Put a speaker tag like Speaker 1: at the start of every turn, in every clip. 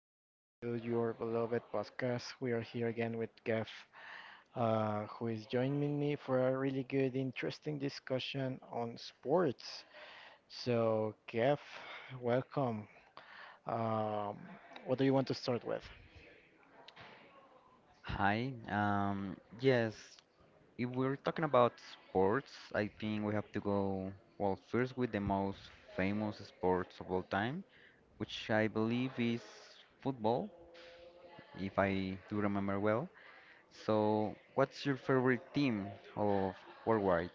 Speaker 1: again to your beloved podcast. We are here again with Gav, who is joining me for a really good, interesting discussion on sports. So, Gav, welcome. Um, what do you want to start with?
Speaker 2: Hi. Yes, if we're talking about sports, I think we have to go, well, first with the most famous sports of all time, which I believe is football, if I do remember well. So, what's your favorite team of worldwide?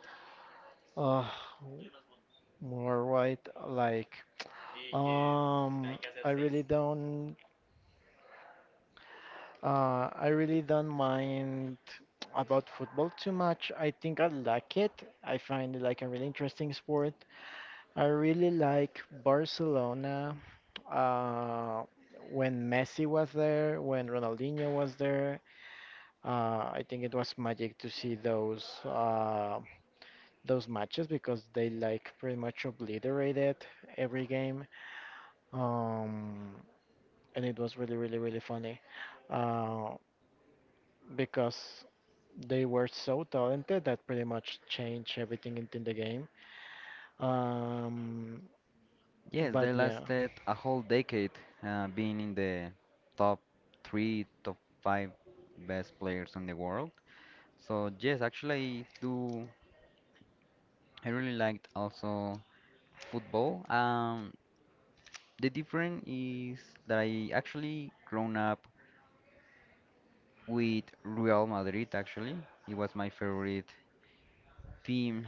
Speaker 1: Uh, More right, like, um, I really don't. I really don't mind about football too much. I think I like it. I find it like a really interesting sport. I really like Barcelona uh, when Messi was there, when Ronaldinho was there. I think it was magic to see those matches because they like pretty much obliterated every game. Um, and it was really, really, really funny. Uh, because they were so talented that pretty much changed everything in the game. Um,
Speaker 2: Yes, they
Speaker 1: but yeah,
Speaker 2: lasted a whole decade, being in the top three, top five best players in the world. So yes, actually I do. I really liked also football. The difference is that I actually grown up with Real Madrid. Actually, it was my favorite team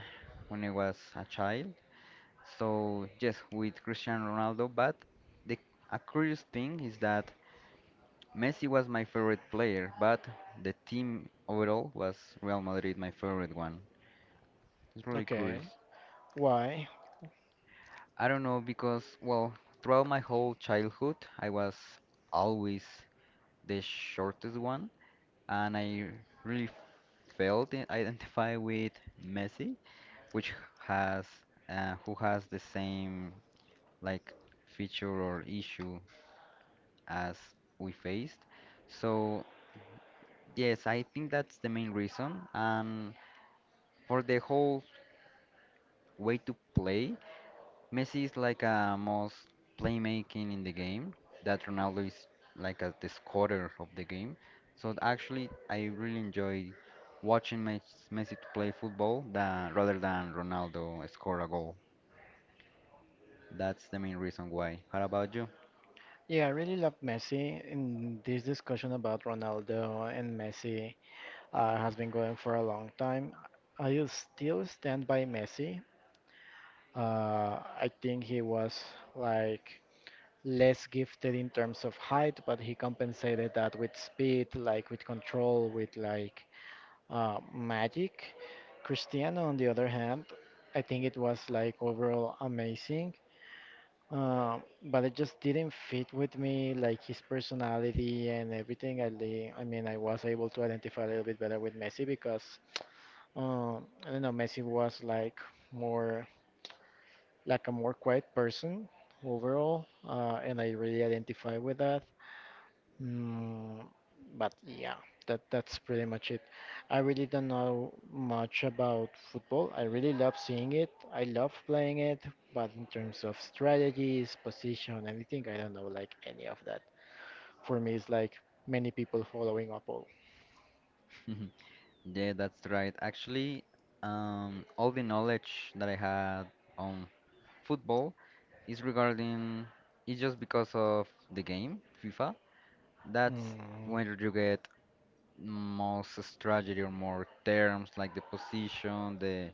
Speaker 2: when I was a child. So yes, with Cristiano Ronaldo. But the a curious thing is that Messi was my favorite player, but the team overall was Real Madrid, my favorite one. It's really curious.
Speaker 1: okay. Why?
Speaker 2: I don't know because, well, throughout my whole childhood, I was always the shortest one, and I really felt identified with Messi, which has who has the same, like, feature or issue as we faced. So yes, I think that's the main reason, and for the whole way to play, Messi is like a most playmaking in the game. That Ronaldo is like a, the scorer of the game. So actually, I really enjoy watching Messi to play football than, rather than Ronaldo score a goal. That's the main reason why. How about you?
Speaker 1: Yeah, I really love Messi, and this discussion about Ronaldo and Messi has been going for a long time. I still stand by Messi. I think he was like less gifted in terms of height, but he compensated that with speed, like with control, with like magic. Cristiano, on the other hand, I think it was like overall amazing, uh, but it just didn't fit with me, like his personality and everything. I mean, I was able to identify a little bit better with Messi because I don't know, Messi was like more like a more quiet person overall, and I really identify with that. Mm, but yeah, that's pretty much it. I really don't know much about football. I really love seeing it. I love playing it, but in terms of strategies, position, anything, I don't know like any of that. For me, it's like many people following up all.
Speaker 2: Yeah, that's right. Actually, all the knowledge that I had on football is regarding, it's just because of the game FIFA. That's
Speaker 1: Mm,
Speaker 2: when you get most strategy or more terms like the position, the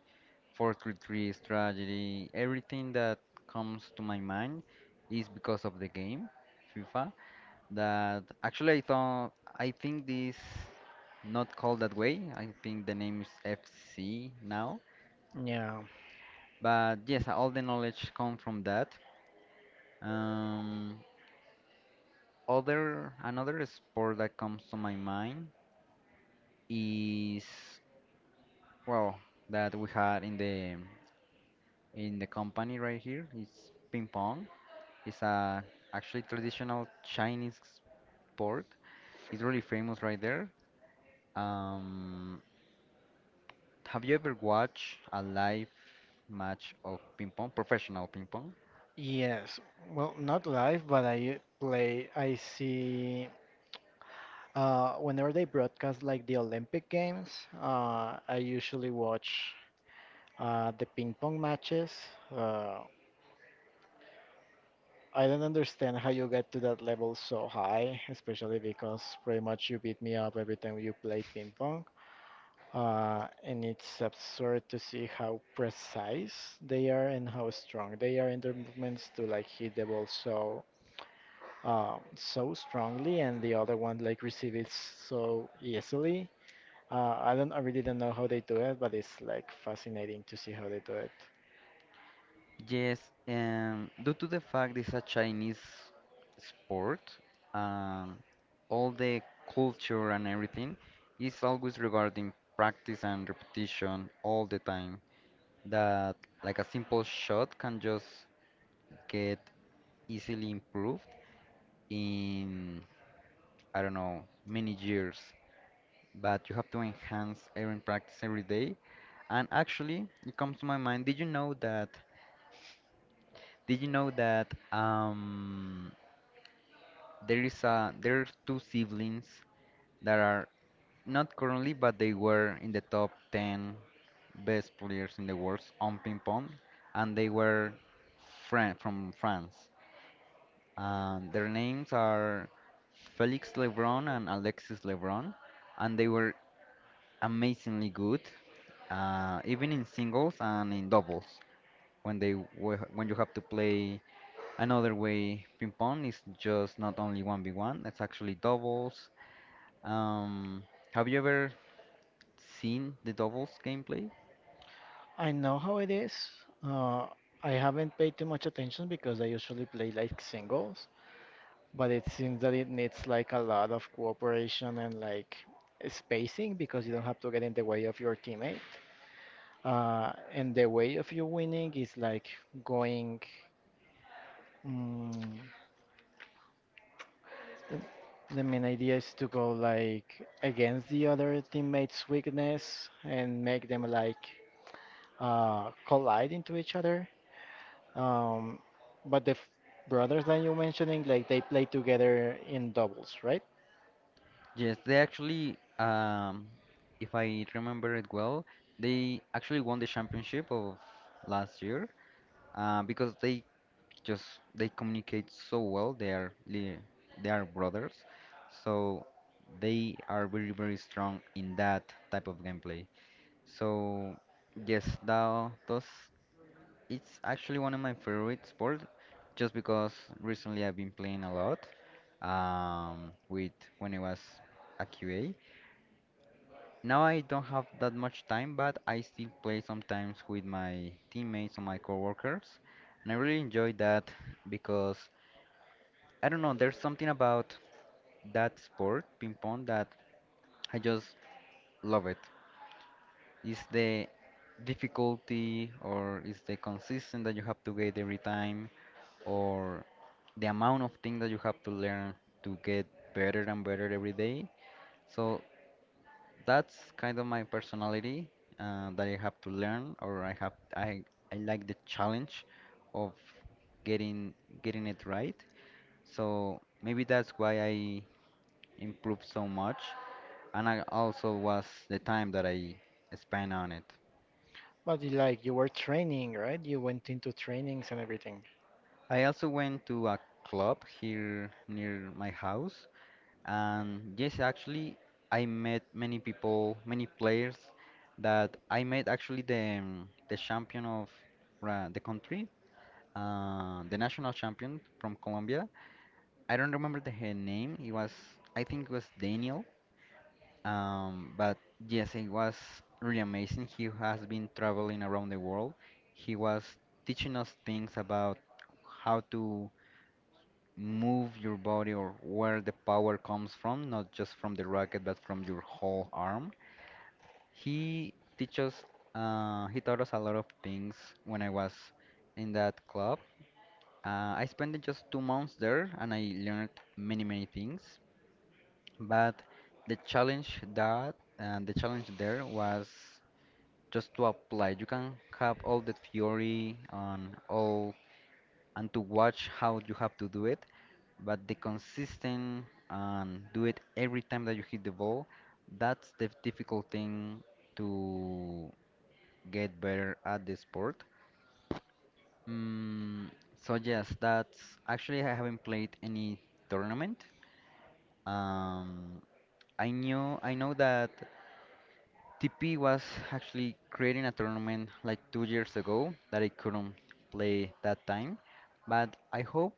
Speaker 2: 4-3-3 strategy, everything that comes to my mind is because of the game FIFA, that actually I thought, I think this not called that way. I think the name is FC now.
Speaker 1: yeah.
Speaker 2: But yes, all the knowledge come from that. Um, Other, another sport that comes to my mind is, well, that we had in the company right here. It's ping pong. It's a actually traditional Chinese sport. It's really famous right there. Um, have you ever watched a live match of ping pong, professional ping pong?
Speaker 1: Yes. Well, not live, but I play. I see. Whenever they broadcast like the Olympic Games, I usually watch. The ping pong matches, uh, I don't understand how you get to that level so high, especially because pretty much you beat me up every time you play ping pong. And it's absurd to see how precise they are and how strong they are in their movements to like hit the ball so so strongly and the other one like receive it so easily. I really don't know how they do it, but it's like fascinating to see how they do it.
Speaker 2: Yes, due to the fact it's a Chinese sport, um, all the culture and everything is always regarding practice and repetition all the time. That like a simple shot can just get easily improved in, I don't know, many years. But you have to enhance every practice every day. And actually, it comes to my mind. Did you know that? Did you know that there is a there are two siblings that are not currently, but they were in the top 10 best players in the world on ping pong, and they were Fran from France. Their names are Felix Lebron and Alexis Lebron, and they were amazingly good, even in singles and in doubles. When you have to play another way, ping pong is just not only 1v1, it's actually doubles. Um, have you ever seen the doubles gameplay?
Speaker 1: I know how it is. Uh, I haven't paid too much attention because I usually play like singles, but it seems that it needs like a lot of cooperation and like spacing because you don't have to get in the way of your teammate. And the way of you winning is like going. Mm, the, the main idea is to go like against the other teammate's weakness and make them like collide into each other. Um, but the f brothers that you mentioning, like they play together in doubles, right?
Speaker 2: Yes, they actually, if I remember it well, they actually won the championship of last year because just they communicate so well. They are brothers, so they are very strong in that type of gameplay. So yes, that those it's actually one of my favorite sports, just because recently I've been playing a lot, with when I was a QA. Now I don't have that much time, but I still play sometimes with my teammates or my coworkers, and I really enjoy that because, I don't know, there's something about that sport, ping pong, that I just love it. It's the difficulty or it's the consistency that you have to get every time or the amount of things that you have to learn to get better and better every day. So that's kind of my personality, that I have to learn, or I have I like the challenge of getting getting it right. So maybe that's why I improved so much, and I also was the time that I spent on it.
Speaker 1: But you, like you were training, right? You went into trainings and everything.
Speaker 2: I also went to a club here near my house, and yes, actually, I met many people, many players. That I met actually the, the champion of the country, the national champion from Colombia. I don't remember the her name. It was, I think it was Daniel. But yes, it was really amazing. He has been traveling around the world. He was teaching us things about how to move your body or where the power comes from, not just from the racket, but from your whole arm. He teaches, he taught us a lot of things when I was in that club. I spent just 2 months there and I learned many, many things. But the challenge there was just to apply. You can have all the theory and all and to watch how you have to do it, but the consistent and do it every time that you hit the ball, that's the difficult thing to get better at the sport. Mm, so yes, that's, actually I haven't played any tournament. Um, I know that TP was actually creating a tournament like 2 years ago that I couldn't play that time, but I hope,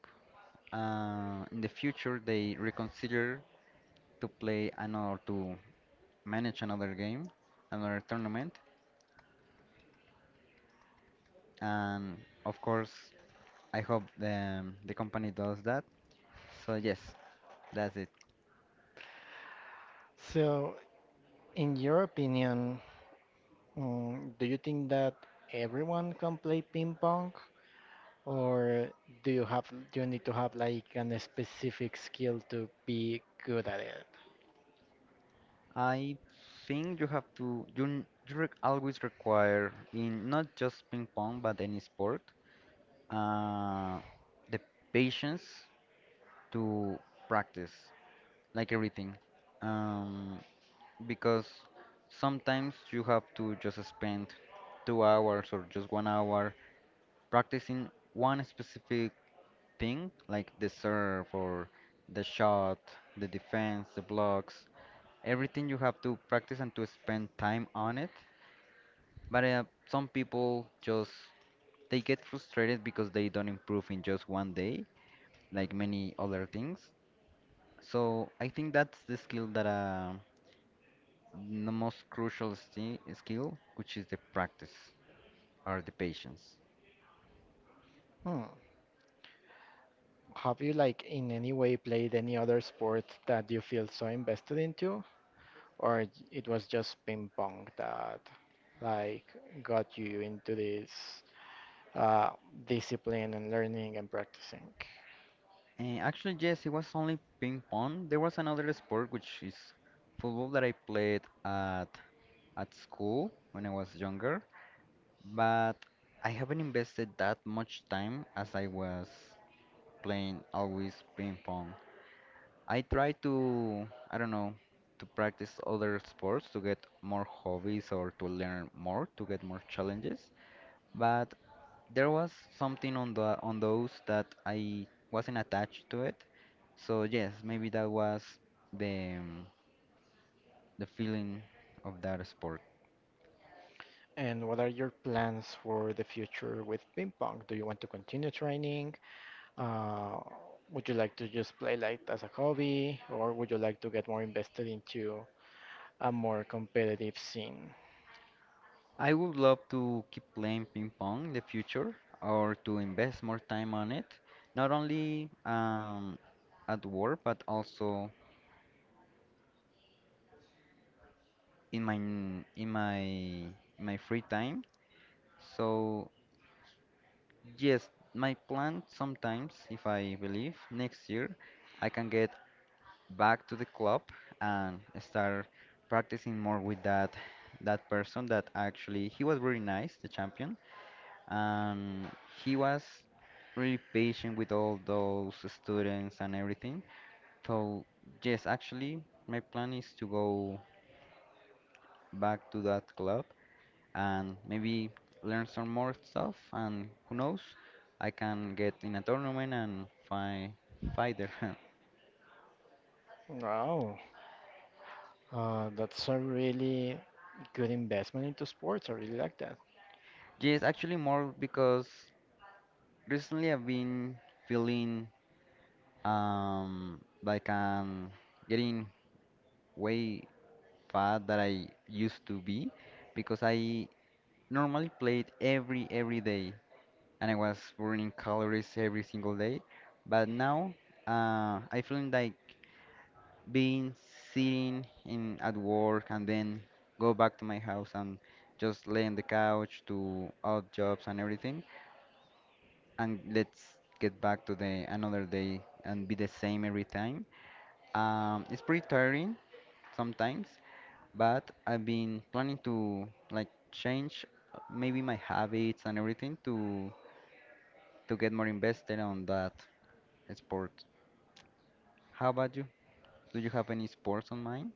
Speaker 2: in the future they reconsider to play another to manage another game, another tournament, and of course I hope the company does that. So yes, that's it.
Speaker 1: So, in your opinion, do you think that everyone can play ping pong, or do you need to have like an specific skill to be good at it?
Speaker 2: I think you have to, you, n- you re always require in not just ping pong but any sport, uh, the patience to practice, like everything, um, because sometimes you have to just spend 2 hours or just one hour practicing one specific thing, like the serve or the shot, the defense, the blocks, everything you have to practice and to spend time on it. But some people just, they get frustrated because they don't improve in just one day, like many other things. So I think that's the skill that, the most crucial skill, which is the practice or the patience.
Speaker 1: Hmm. Have you like in any way played any other sport that you feel so invested into? Or it was just ping pong that like got you into this uh, discipline and learning and practicing?
Speaker 2: And actually, yes, it was only ping pong. There was another sport which is football that I played at school when I was younger, but I haven't invested that much time as I was playing always ping pong. I try to, I don't know, to practice other sports to get more hobbies or to learn more, to get more challenges. But there was something on the on those that I wasn't attached to it. So yes, maybe that was the, the feeling of that sport.
Speaker 1: And what are your plans for the future with ping pong? Do you want to continue training? Uh, would you like to just play like as a hobby, or would you like to get more invested into a more competitive scene?
Speaker 2: I would love to keep playing ping pong in the future or to invest more time on it, not only, at work but also in my free time. So yes, my plan sometimes, if I believe, next year I can get back to the club and start practicing more with that person that, actually, he was very nice, the champion, and he was really patient with all those students and everything. So yes, actually my plan is to go back to that club and maybe learn some more stuff. And who knows, I can get in a tournament and fight there.
Speaker 1: Wow, that's a really good investment into sports. I really like that.
Speaker 2: Yes, actually more because recently I've been feeling, like I'm getting way fat that I used to be because I normally played every day and I was burning calories every single day, but now, I feeling like being sitting in at work and then go back to my house and just lay on the couch, do odd jobs and everything, and let's get back to the another day and be the same every time. It's pretty tiring sometimes, but I've been planning to, like, change, maybe my habits and everything, to get more invested on that sport. How about you? Do you have any sports on mind?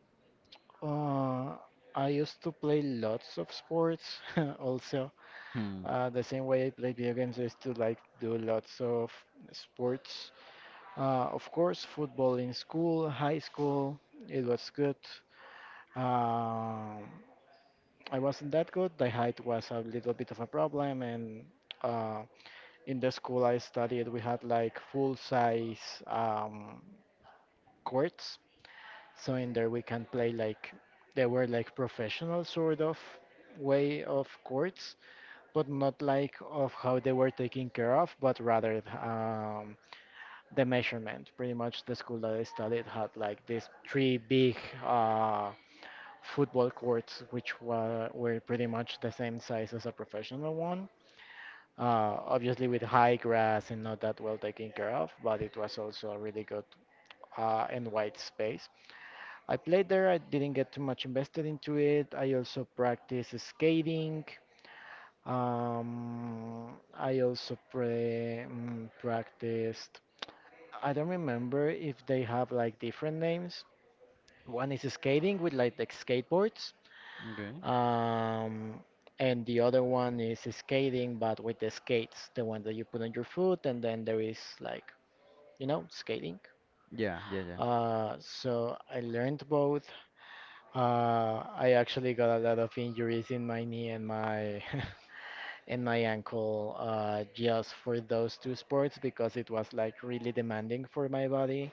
Speaker 1: Uh, I used to play lots of sports also.
Speaker 2: Hmm.
Speaker 1: The same way I play video games, I used to like do lots of sports. Of course, football in school, high school, it was good. Um, I wasn't that good. The height was a little bit of a problem, and uh, in the school I studied, we had like full size courts. So in there we can play like they were like professional sort of way of courts, but not like of how they were taken care of, but rather the measurement. Pretty much the school that I studied had like these three big uh, football courts, which were pretty much the same size as a professional one. Obviously with high grass and not that well taken care of, but it was also a really good and wide space. I played there. I didn't get too much invested into it. I also practiced skating. I also practiced. I don't remember if they have like different names. One is skating with like the skateboards,
Speaker 2: Okay.
Speaker 1: um, and the other one is skating but with the skates, the one that you put on your foot, and then there is like, you know, skating.
Speaker 2: Yeah, yeah, yeah.
Speaker 1: So I learned both. I actually got a lot of injuries in my knee and my and my ankle just for those two sports because it was like really demanding for my body.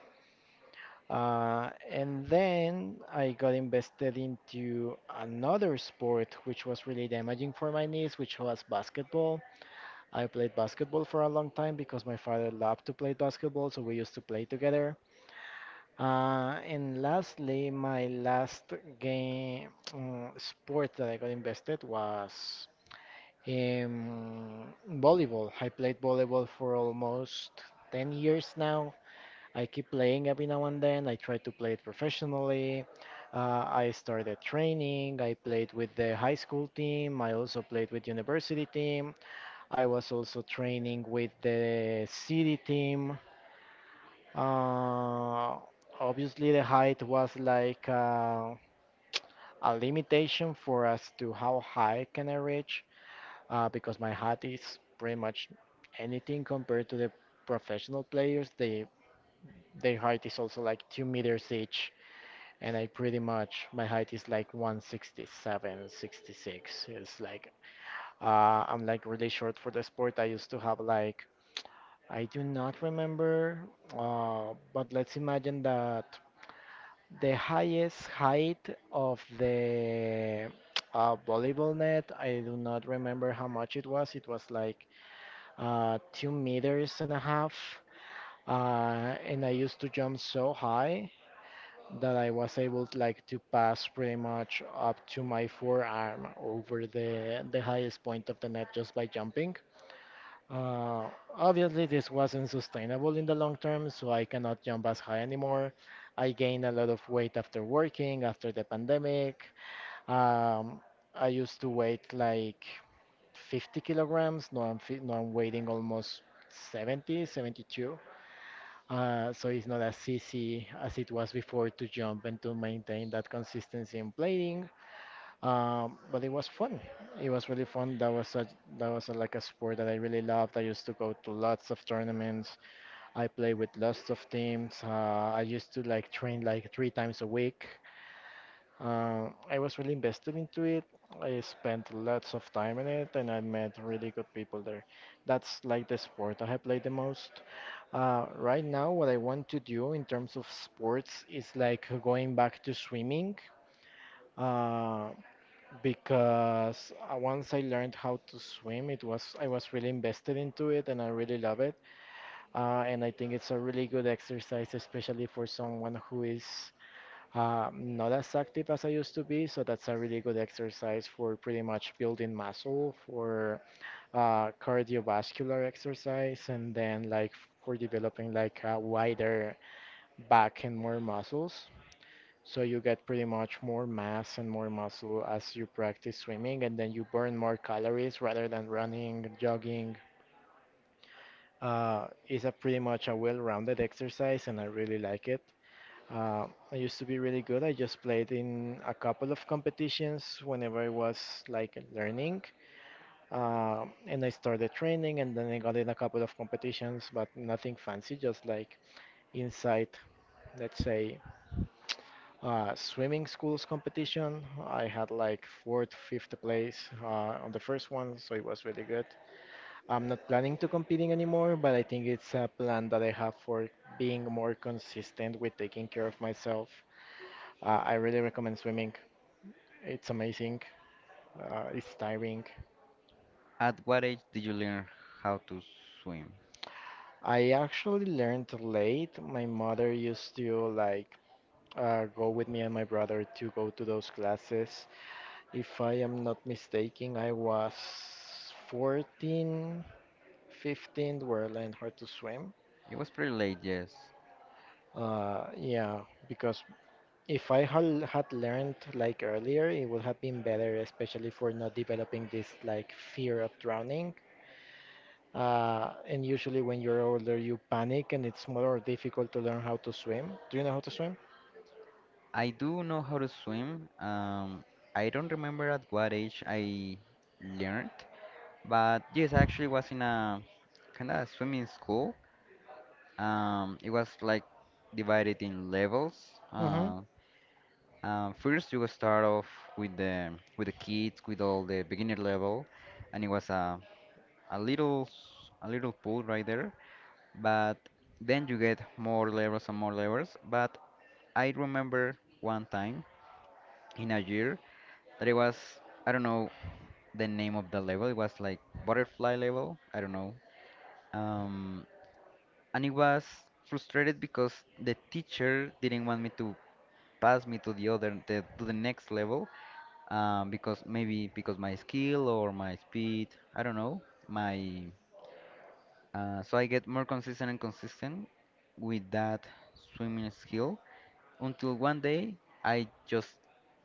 Speaker 1: And then I got invested into another sport which was really damaging for my knees, which was basketball. I played basketball for a long time because my father loved to play basketball, so we used to play together. And lastly, my last game sport that I got invested was um, volleyball. I played volleyball for almost 10 years now. I keep playing every now and then. I try to play it professionally. I started training. I played with the high school team. I also played with university team. I was also training with the city team. Uh, Obviously, the height was like a limitation for us to how high can I reach, because my height is pretty much anything compared to the professional players. They Their height is also like 2 meters each, and I pretty much my height is like 167, 66. It's like uh, I'm like really short for the sport. I used to have like I do not remember, but let's imagine that. The highest height of the volleyball net, I do not remember how much it was. It was like 2 meters and a half. And I used to jump so high that I was able to, like to pass pretty much up to my forearm over the highest point of the net just by jumping. Uh, Obviously, this wasn't sustainable in the long term, so I cannot jump as high anymore. I gained a lot of weight after working, after the pandemic. Um, I used to weight like 50 kilograms. Now I'm weighing almost 70, 72. So it's not as easy as it was before to jump and to maintain that consistency in playing. But it was fun. It was really fun. That was a, like a sport that I really loved. I used to go to lots of tournaments. I played with lots of teams. I used to like train like 3 times a week. I was really invested into it. I spent lots of time in it, and I met really good people there. That's like the sport I have played the most. Right now, what I want to do in terms of sports is like going back to swimming. Uh, because once I learned how to swim, it was I was really invested into it and I really love it. And I think it's a really good exercise, especially for someone who is not as active as I used to be. So that's a really good exercise for pretty much building muscle, for cardiovascular exercise, and then like for developing like a wider back and more muscles. So you get pretty much more mass and more muscle as you practice swimming, and then you burn more calories rather than running, jogging. It's a pretty much a well-rounded exercise, and I really like it. I used to be really good. I just played in a couple of competitions whenever I was like learning, and I started training, and then I got in a couple of competitions, but nothing fancy, just like inside, let's say. Swimming schools competition. I had like fourth, fifth place on the first one, so it was really good. I'm not planning to competing anymore, but I think it's a plan that I have for being more consistent with taking care of myself. I really recommend swimming. It's amazing. It's tiring.
Speaker 2: At what age did you learn how to swim?
Speaker 1: I actually learned late. My mother used to like go with me and my brother to go to those classes. If I am not mistaken, I was 14, 15 where I learned how to swim.
Speaker 2: It was pretty late, yes.
Speaker 1: Yeah, because if I had learned like earlier, it would have been better, especially for not developing this like fear of drowning. And usually when you're older, you panic and it's more difficult to learn how to swim. Do you know how to swim?
Speaker 2: I do know how to swim. I don't remember at what age I learned, but yes, I actually was in a kind of swimming school. It was like divided in levels.
Speaker 1: Mm-hmm.
Speaker 2: Uh, First, you will start off with the kids, with all the beginner level, and it was a a little pool right there, but then you get more levels and more levels. But I remember one time in a year that it was, I don't know, the name of the level. It was like butterfly level. I don't know. Um, and it was frustrated because the teacher didn't want me to pass me to the other to the next level, because maybe because my skill or my speed, I don't know, my so I get more consistent and consistent with that swimming skill until one day I just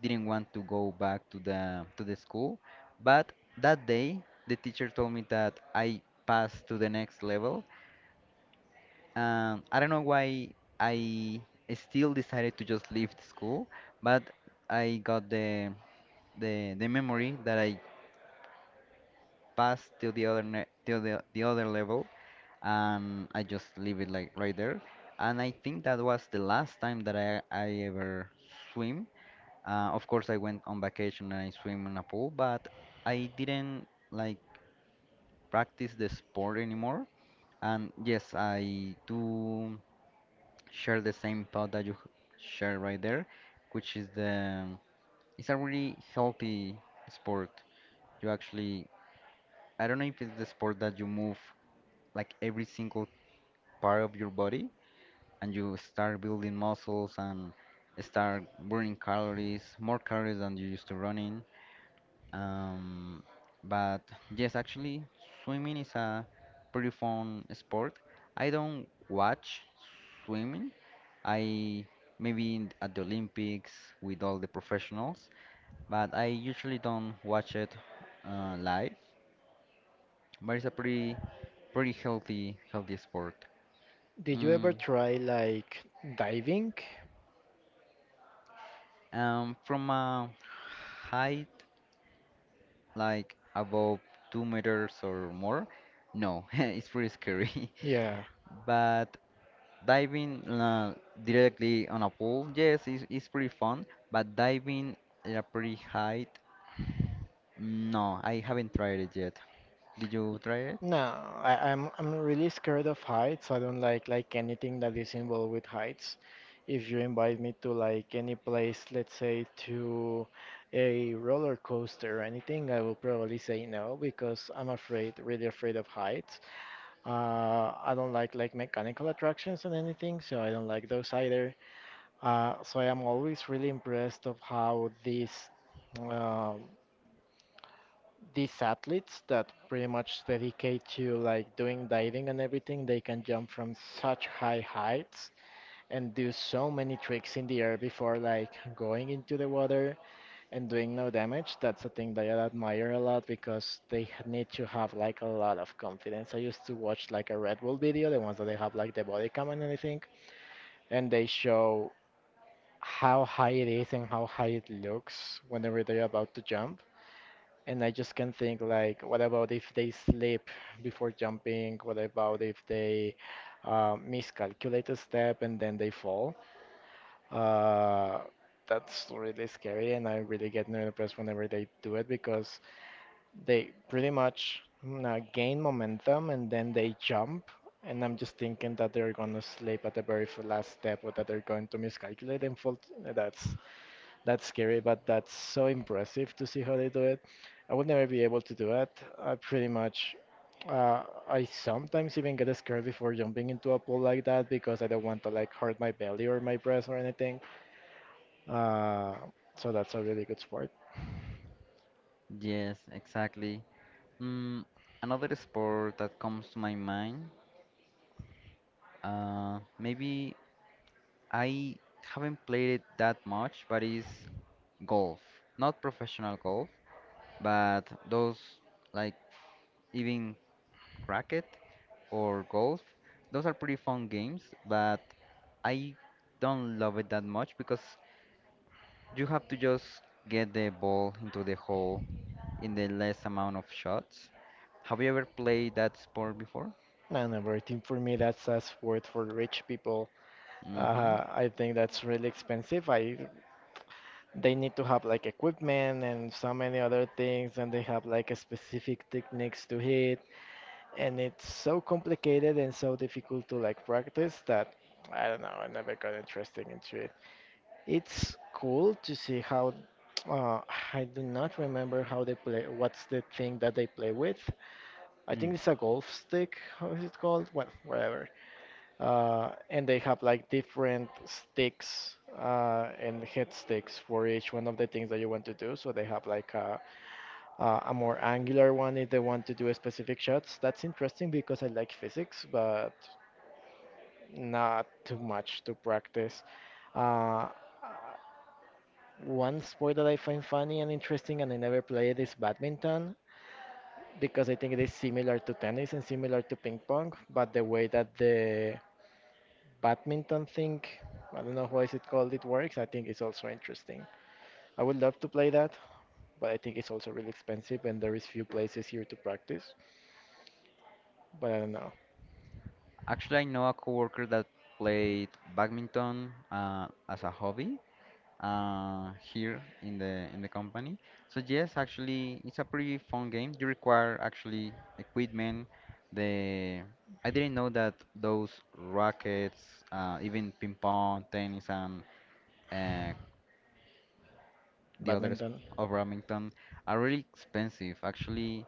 Speaker 2: didn't want to go back to the school. But that day the teacher told me that I passed to the next level. I don't know why I still decided to just leave the school, but I got the memory that I passed to the other ne to the other level, and I just leave it like right there. And I think that was the last time that I ever swim. Of course, I went on vacation and I swim in a pool, but I didn't like practice the sport anymore. And yes, I do share the same thought that you share right there, which is the it's a really healthy sport. You actually, I don't know if it's the sport that you move like every single part of your body and you start building muscles and start burning calories, more calories than you used to running. Um, but yes, actually, swimming is a pretty fun sport. I don't watch swimming. I maybe at the Olympics with all the professionals, but I usually don't watch it live. But it's a pretty healthy sport.
Speaker 1: Did you ever
Speaker 2: Mm,
Speaker 1: try like diving?
Speaker 2: from a height like above 2 meters or more, no, it's pretty scary.
Speaker 1: Yeah.
Speaker 2: But diving directly on a pool, yes, it's pretty fun, but diving at a pretty height, no, I haven't tried it yet. Did you try it?
Speaker 1: No, I'm really scared of heights. I don't like anything that is involved with heights. If you invite me to like any place, let's say to a roller coaster or anything, I will probably say no because I'm afraid, really afraid of heights. I don't like mechanical attractions and anything, so I don't like those either. So I am always really impressed of how these athletes that pretty much dedicate to like doing diving and everything, they can jump from such high heights and do so many tricks in the air before like going into the water and doing no damage. That's a thing that I admire a lot because need to have like a lot of confidence. I used to watch like a Red Bull video, the ones that they have like the body cam and everything, and they show how high it is and how high it looks whenever they're about to jump, and I just can think like, what about if they slip before jumping? What about if they miscalculate a step and then they fall? Uh, that's really scary, and I really get nervous whenever they do it because they pretty much gain momentum and then they jump. And I'm just thinking that they're gonna slip at the last step or that they're going to miscalculate and fall. That's that's scary, but that's so impressive to see how they do it. I would never be able to do it. I pretty much, uh, I sometimes even get scared before jumping into a pool like that because I don't want to like hurt my belly or my breast or anything. Uh, so that's a really good sport.
Speaker 2: Yes, exactly. Mm, another sport that comes to my mind, maybe I haven't played it that much, but is golf. Not professional golf, but those, like, even racket or golf, those are pretty fun games, but I don't love it that much because you have to just get the ball into the hole in the less amount of shots. Have you ever played that sport before?
Speaker 1: And everything for me, that's a sport for rich people.
Speaker 2: Mm-hmm.
Speaker 1: I think that's really expensive. I They need to have like equipment and so many other things, and they have like a specific techniques to hit and it's so complicated and so difficult to like practice that I don't know. I never got interested into it. It's cool to see how. Uh, I do not remember how they play. What's the thing that they play with? I
Speaker 2: Mm.
Speaker 1: think it's a golf stick. How is it called? Well, whatever. And they have like different sticks and head sticks for each one of the things that you want to do. So they have like a more angular one if they want to do specific shots. That's interesting because I like physics, but not too much to practice. Uh, uh, one sport that I find funny and interesting and I never play, it is badminton because I think it is similar to tennis and similar to ping pong, but the way that the badminton thing, I don't know why is it called, it works, I think it's also interesting. I would love to play that, but I think it's also really expensive and there is few places here to practice, but I don't know.
Speaker 2: Actually, I know a coworker that played badminton, as a hobby, here in the company. So yes, actually, it's a pretty fun game. You require actually equipment. The I didn't know that those rackets, even ping pong, tennis, and uh, the others
Speaker 1: Badminton?
Speaker 2: of Remington are really expensive. Actually,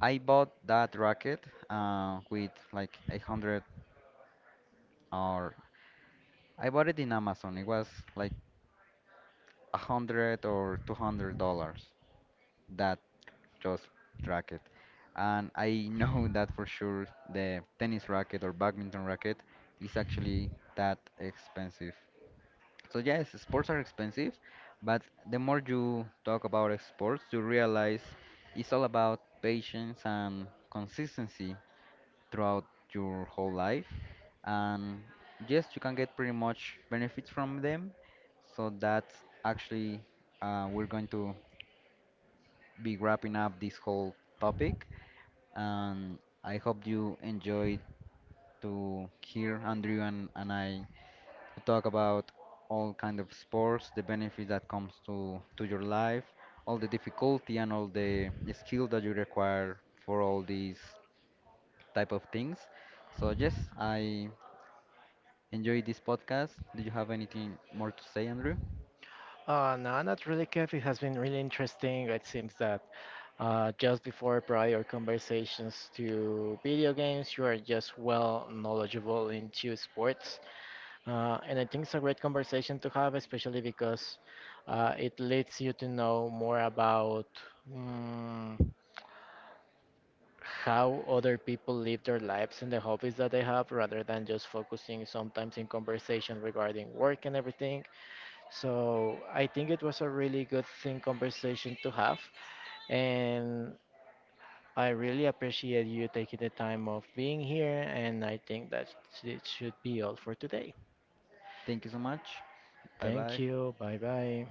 Speaker 2: I bought that racket with like 800, or I bought it in Amazon. It was like $100 or $200, that just racket. And I know that for sure the tennis racket or badminton racket is actually that expensive. So yes, sports are expensive, but the more you talk about sports, you realize it's all about patience and consistency throughout your whole life. And yes, you can get pretty much benefits from them. So that's actually, we're going to be wrapping up this whole topic, and I hope you enjoyed to hear Andrew and I talk about all kind of sports, the benefits that comes to your life, all the difficulty and all the skill that you require for all these type of things. So yes, I enjoyed this podcast. Do you have anything more to say, Andrew?
Speaker 1: No, not really, Kev. It has been really interesting. It seems that just before prior conversations to video games, you are just well knowledgeable into sports. And I think it's a great conversation to have, especially because it leads you to know more about mm, how other people live their lives and the hobbies that they have rather than just focusing sometimes in conversation regarding work and everything. So I think it was a really good thing conversation to have, and I really appreciate you taking the time of being here. And I think that it should be all for today.
Speaker 2: Thank you so much. Bye
Speaker 1: Thank
Speaker 2: bye.
Speaker 1: you. Bye bye.